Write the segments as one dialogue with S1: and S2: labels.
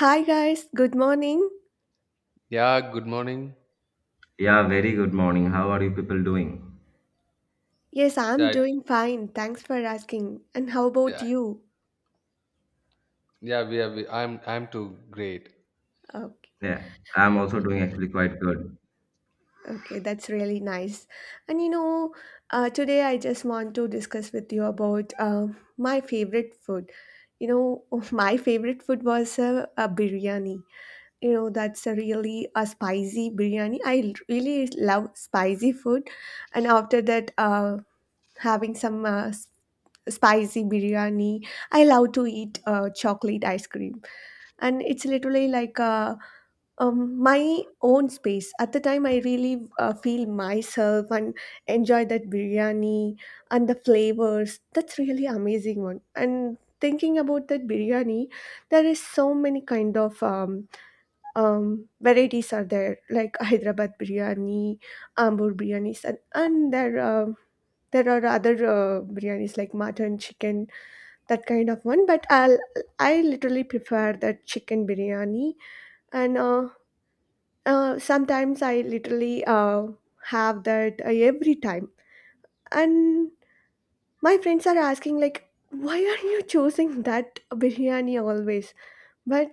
S1: Hi guys, good morning.
S2: Yeah, good morning.
S3: Yeah, very good morning. How are you people doing?
S1: Yes, I'm
S2: Yeah,
S1: doing fine. Thanks for asking. And how
S2: yeah,
S1: about you?
S2: yeah. We are. We, I'm. I'm too great.
S1: Okay,
S3: Yeah, I'm also doing
S2: Mm,
S3: actually quite good.
S1: okay, that's really nice. And you know, today I just want to discuss with you about my favorite food. You know, my favorite food was a biryani. You know, that's a really a spicy biryani. I really love spicy food, and after that, having some spicy biryani. I love to eat chocolate ice cream, and it's literally like my own space. At the time, I really feel myself and enjoy that biryani and the flavors. That's really amazing one. And thinking about that biryani, there is so many kind of varieties are there, like Hyderabad biryani, Ambur biryanis, and there are other biryanis like mutton, chicken, that kind of one but I literally prefer that chicken biryani and sometimes I literally have that every time and my friends are asking like why are you choosing that biryani always but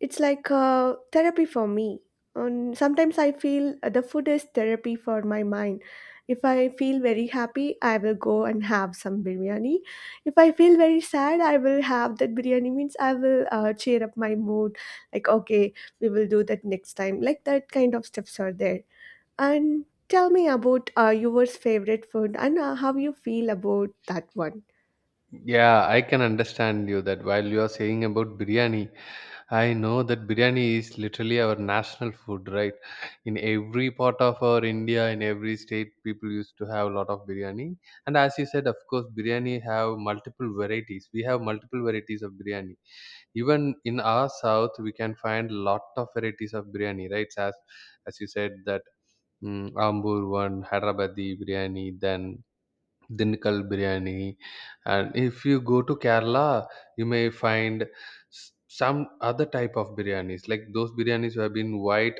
S1: it's like therapy for me. Sometimes I feel the food is therapy for my mind. If I feel very happy, I will go and have some biryani. If I feel very sad, I will have that biryani. Means I will cheer up my mood. Like okay, we will do that next time. Like that kind of steps are there. And tell me about your favorite food and how you feel about that one.
S2: yeah, I can understand you that while you are saying about biryani. I know that biryani is literally our national food, right? In every part of our India, in every state, people used to have a lot of biryani. And as you said, of course, biryani have multiple varieties. We have multiple varieties of biryani. Even in our south, we can find lot of varieties of biryani, right? As you said that. Mm, Ambur one, Hyderabadi biryani, then Dinnikal biryani. And if you go to Kerala, you may find some other type of biryanis, like those biryanis who have been white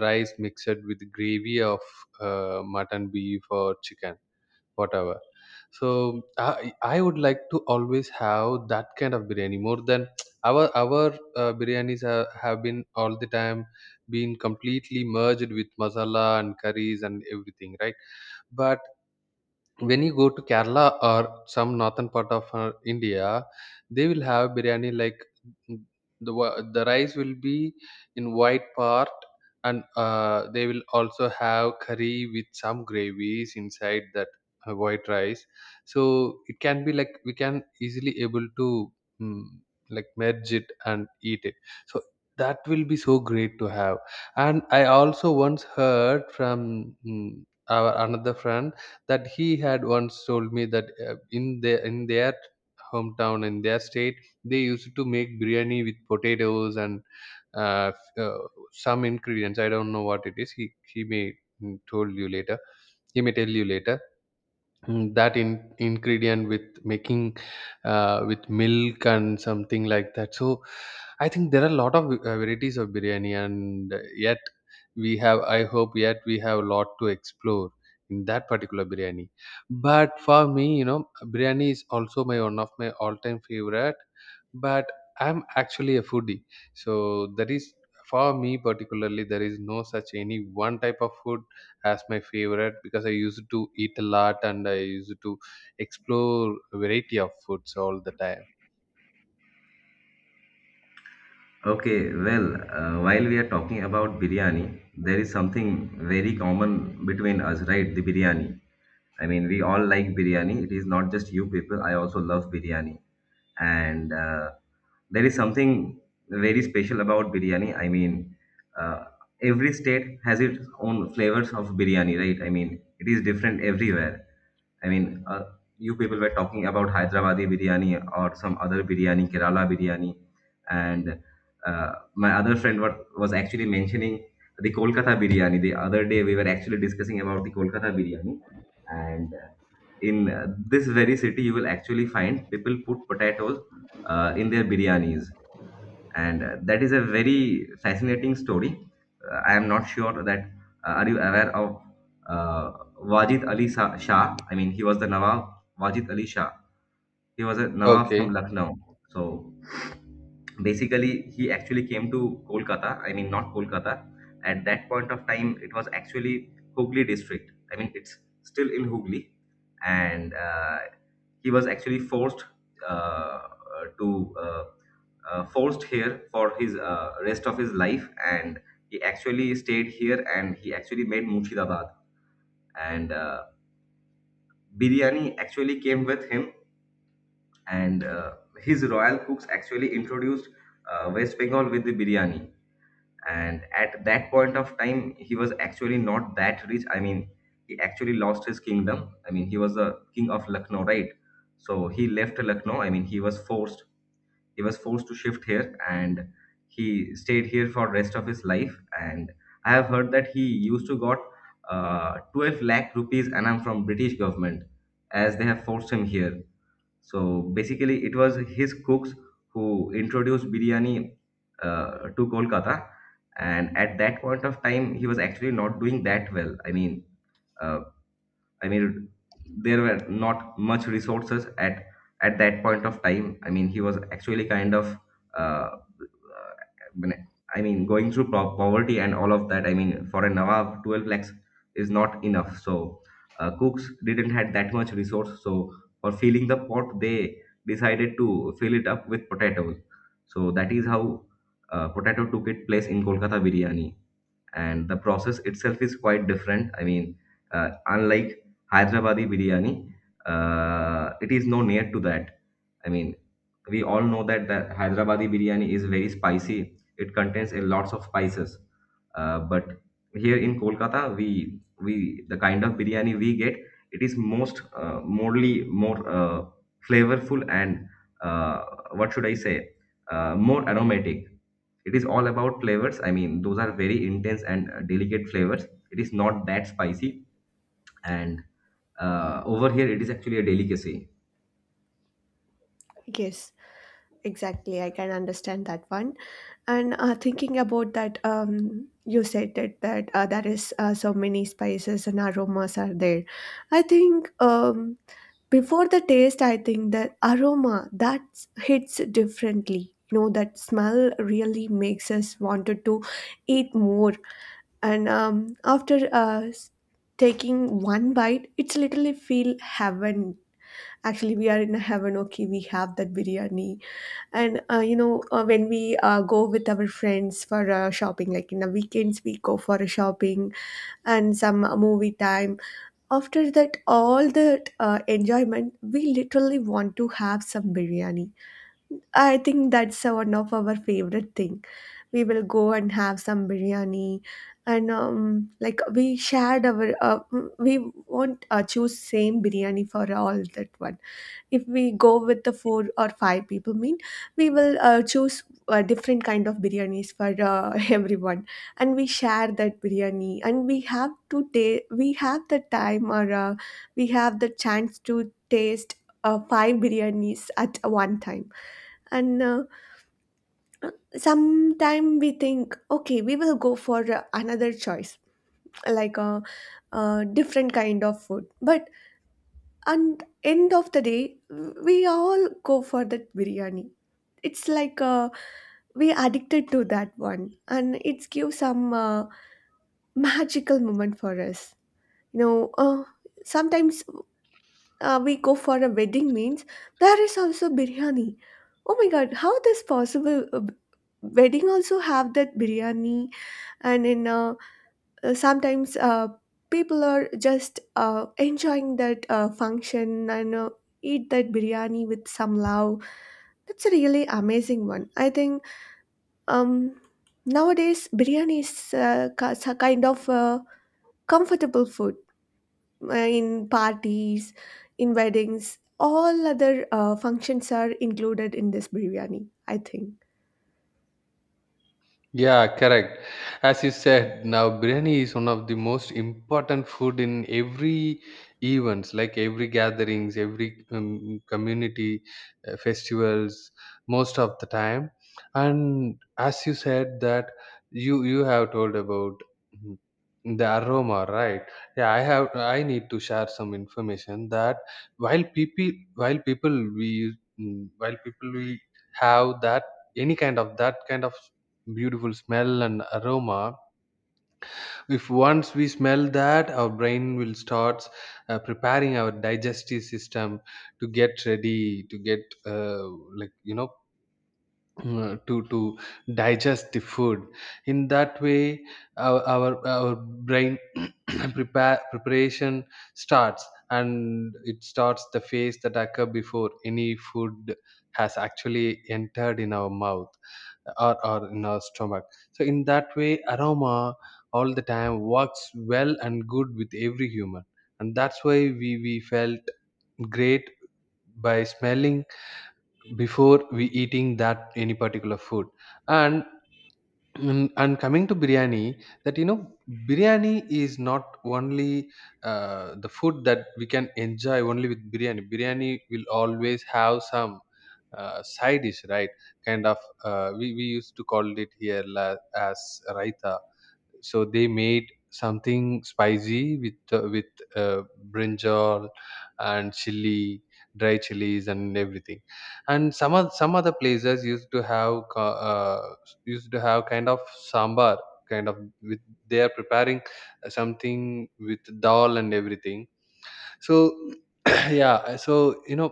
S2: rice mixed with gravy of mutton, beef, or chicken whatever. So I would like to always have that kind of biryani more than our biryanis have been all the time been completely merged with masala and curries and everything, right? But when you go to Kerala or some northern part of India, they will have biryani like mm, the rice will be in white part, and they will also have curry with some gravies inside that white rice. So it can be like we can easily able to mm, like merge it and eat it. So that will be so great to have. And I also once heard from our another friend that he had once told me that in their hometown in their state they used to make biryani with potatoes and uh, f- uh, some ingredients. I don't know what it is. He may mm, told you later he may tell you later, that ingredient with making with milk and something like that. So I think there are a lot of varieties of biryani, and yet we have, I hope, yet we have a lot to explore in that particular biryani. But for me, you know, biryani is also my one of my all time favorite. But I'm actually a foodie, so that is, for me particularly, there is no such any one type of food as my favorite, because I used to eat a lot and I used to explore a variety of foods all the time.
S3: Okay, well, while we are talking about biryani, there is something very common between us, right? The biryani. I mean, we all like biryani. It is not just you people. I also love biryani. And there is something very special about biryani. I mean, uh, every state has its own flavors of biryani, right? I mean, it is different everywhere. I mean, you people were talking about Hyderabadi biryani or some other biryani, Kerala biryani, and my other friend what was actually mentioning the Kolkata biryani. The other day we were actually discussing about the Kolkata biryani, and in this very city you will actually find people put potatoes in their biryanis, and that is a very fascinating story. I am not sure that are you aware of uh, Wajid Ali Shah? I mean, he was the Nawab Wajid Ali Shah. He was a Nawab from
S2: Okay.
S3: Lucknow. So basically he actually came to Kolkata. I mean, not Kolkata, at that point of time it was actually Hooghly district. I mean, it's still in Hooghly. And he was actually uh, uh, to uh, forced here for his rest of his life, and he actually stayed here, and he actually made Murshidabad. And biryani actually came with him, and his royal cooks actually introduced West Bengal with the biryani. And at that point of time he was actually not that rich. I mean, he actually lost his kingdom. I mean, he was the king of Lucknow, right? So he left Lucknow. I mean, he was forced to shift here, and he stayed here for rest of his life. And I have heard that he used to got 12 lakh rupees annum from British government as they have forced him here. So basically, it was his cooks who introduced biryani to Kolkata, and at that point of time, he was actually not doing that well. Uh, I mean, there were not much resources at that point of time. I mean, he was actually kind of uh, going through poverty and all of that. I mean, for a Nawab, 12 lakhs is not enough. So, cooks didn't had that much resource. So, for filling the pot, they decided to fill it up with potatoes. So that is how potato took its place in Kolkata biryani. And the process itself is quite different. I mean, unlike Hyderabadi biryani, it is no near to that. I mean, we all know that the Hyderabadi biryani is very spicy. It contains a lots of spices. But here in Kolkata, we the kind of biryani we get, it is most morely more flavorful and uh, what should I say, more aromatic. It is all about flavors. I mean, those are very intense and delicate flavors. It is not that spicy, and over here, it is actually a delicacy.
S1: Yes, exactly. I can understand that one. And thinking about that, you said that there is so many spices and aromas are there. I think before the taste, I think the aroma that hits differently. You know that smell really makes us wanted to eat more. And after taking one bite, it's literally feel heaven. Actually, we are in a heaven. Okay, we have that biryani and you know, when we go with our friends for shopping, like in the weekends, we go for a shopping and some movie time. After that, all that enjoyment, we literally want to have some biryani. I think that's one of our favorite thing. We will go and have some biryani, and like we shared our, we won't choose same biryani for all that one if we go with the four or five people mean we will choose different kind of biryanis for everyone and we share that biryani and we have to we have the time or we have the chance to taste five biryanis at one time and sometime we think okay we will go for another choice like a different kind of food but and end of the day we all go for that biryani. It's like we addicted to that one and it gives some magical moment for us. You know, sometimes we go for a wedding means there is also biryani. Oh my god, how this possible? Wedding also have that biryani, and in a sometimes people are just enjoying that function and eat that biryani with some love. That's a really amazing one. I think um, nowadays biryani is a kind of comfortable food in parties, in weddings. All other functions are included in this biryani, I think.
S2: Yeah, correct. As you said, now biryani is one of the most important food in every events, like every gatherings, every community festivals, most of the time. And as you said that, you have told about mm, the aroma, right? Yeah, I have. I need to share some information that while people we have that any kind of that kind of beautiful smell and aroma. If once we smell that, our brain will start preparing our digestive system to get ready to get uh, like you know to digest the food. In that way, our brain prepare preparation starts, and it starts the phase that occur before any food has actually entered in our mouth, or in our stomach. So in that way, aroma all the time works well and good with every human, and that's why we felt great by smelling before we eating that any particular food. And and coming to biryani, that you know, biryani is not only the food that we can enjoy only with biryani. Biryani will always have some side dish, right? Kind of, we used to call it here la, as raita. So they made something spicy with uh, brinjal and chili, dry chilies and everything. And some of some other places used to have used to have kind of sambar, kind of with they are preparing something with dal and everything. So yeah, so you know,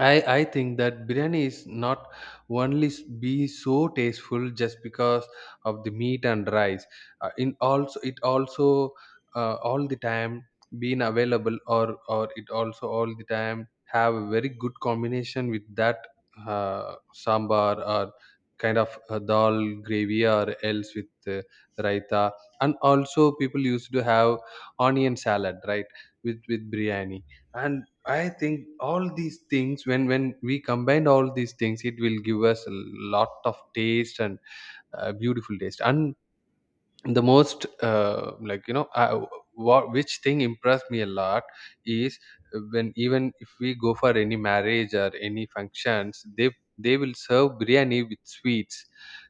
S2: I think that biryani is not only be so tasteful just because of the meat and rice. In also it also all the time being available, or it also all the time have a very good combination with that uh, sambar, or kind of dal gravy, or else with raita. And also people used to have onion salad, right, with biryani. And I think all these things, when we combine all these things, it will give us a lot of taste and beautiful taste. And the most what which thing impressed me a lot is, when even if we go for any marriage or any functions, they will serve biryani with sweets,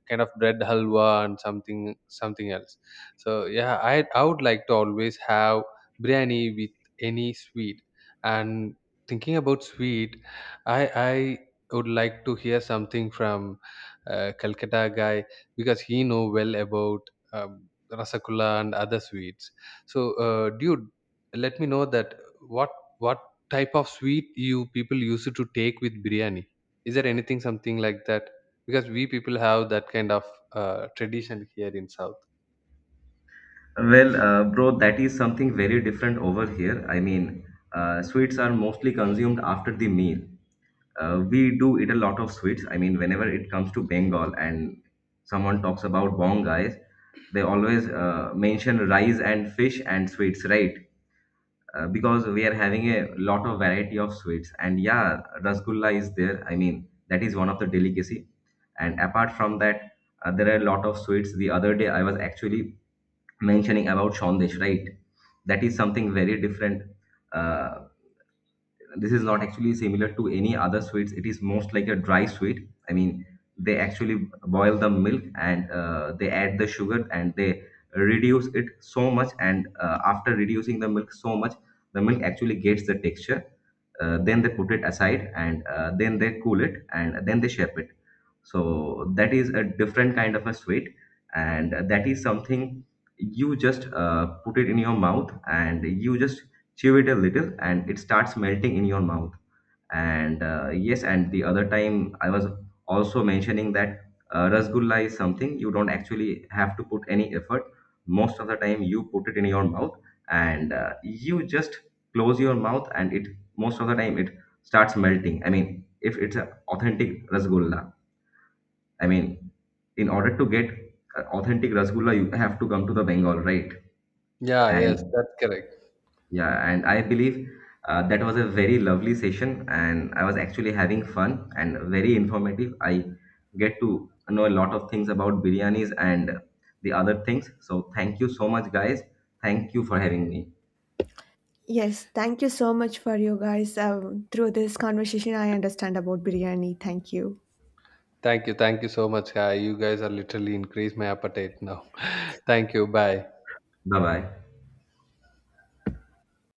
S2: kind of bread halwa and something something else. So yeah, I would like to always have biryani with any sweet. And thinking about sweet, i I would like to hear something from Calcutta guy, because he know well about um, rasagulla and other sweets. So, dude, let me know that what what type of sweet you people used to take with biryani. Is there anything something like that? Because we people have that kind of tradition here in South.
S3: Well, bro, that is something very different over here. I mean, sweets are mostly consumed after the meal. We do eat a lot of sweets. I mean, whenever it comes to Bengal and someone talks about bongais, they always mention rice and fish and sweets, right? Because we are having a lot of variety of sweets. And yeah, rasgulla is there. I mean, that is one of the delicacy. And apart from that, there are a lot of sweets. The other day, I was actually mentioning about Sandesh, right? That is something very different. Uh, this is not actually similar to any other sweets. It is most like a dry sweet. I mean, they actually boil the milk and they add the sugar and they reduce it so much. And after reducing the milk so much, the milk actually gets the texture. Then they put it aside and then they cool it and then they shape it. So that is a different kind of a sweet, and that is something you just put it in your mouth and you just chew it a little, and it starts melting in your mouth. And yes, and the other time I was also mentioning that rasgulla is something you don't actually have to put any effort. Most of the time you put it in your mouth, and you just close your mouth and it, most of the time it starts melting. I mean, if it's an authentic rasgulla, I mean, in order to get a authentic rasgulla you have to come to the Bengal, right?
S2: Yeah, yes,
S3: And
S2: that's correct.
S3: yeah, and I believe that was a very lovely session, and I was actually having fun and very informative. I get to know a lot of things about biryanis and the other things. So, thank you so much, guys. Thank you for having me.
S1: Yes, thank you so much for you guys. Through this conversation, I understand about biryani. Thank you.
S2: Thank you so much, guy. You guys are literally increased my appetite now. Thank you. Bye.
S3: Bye bye.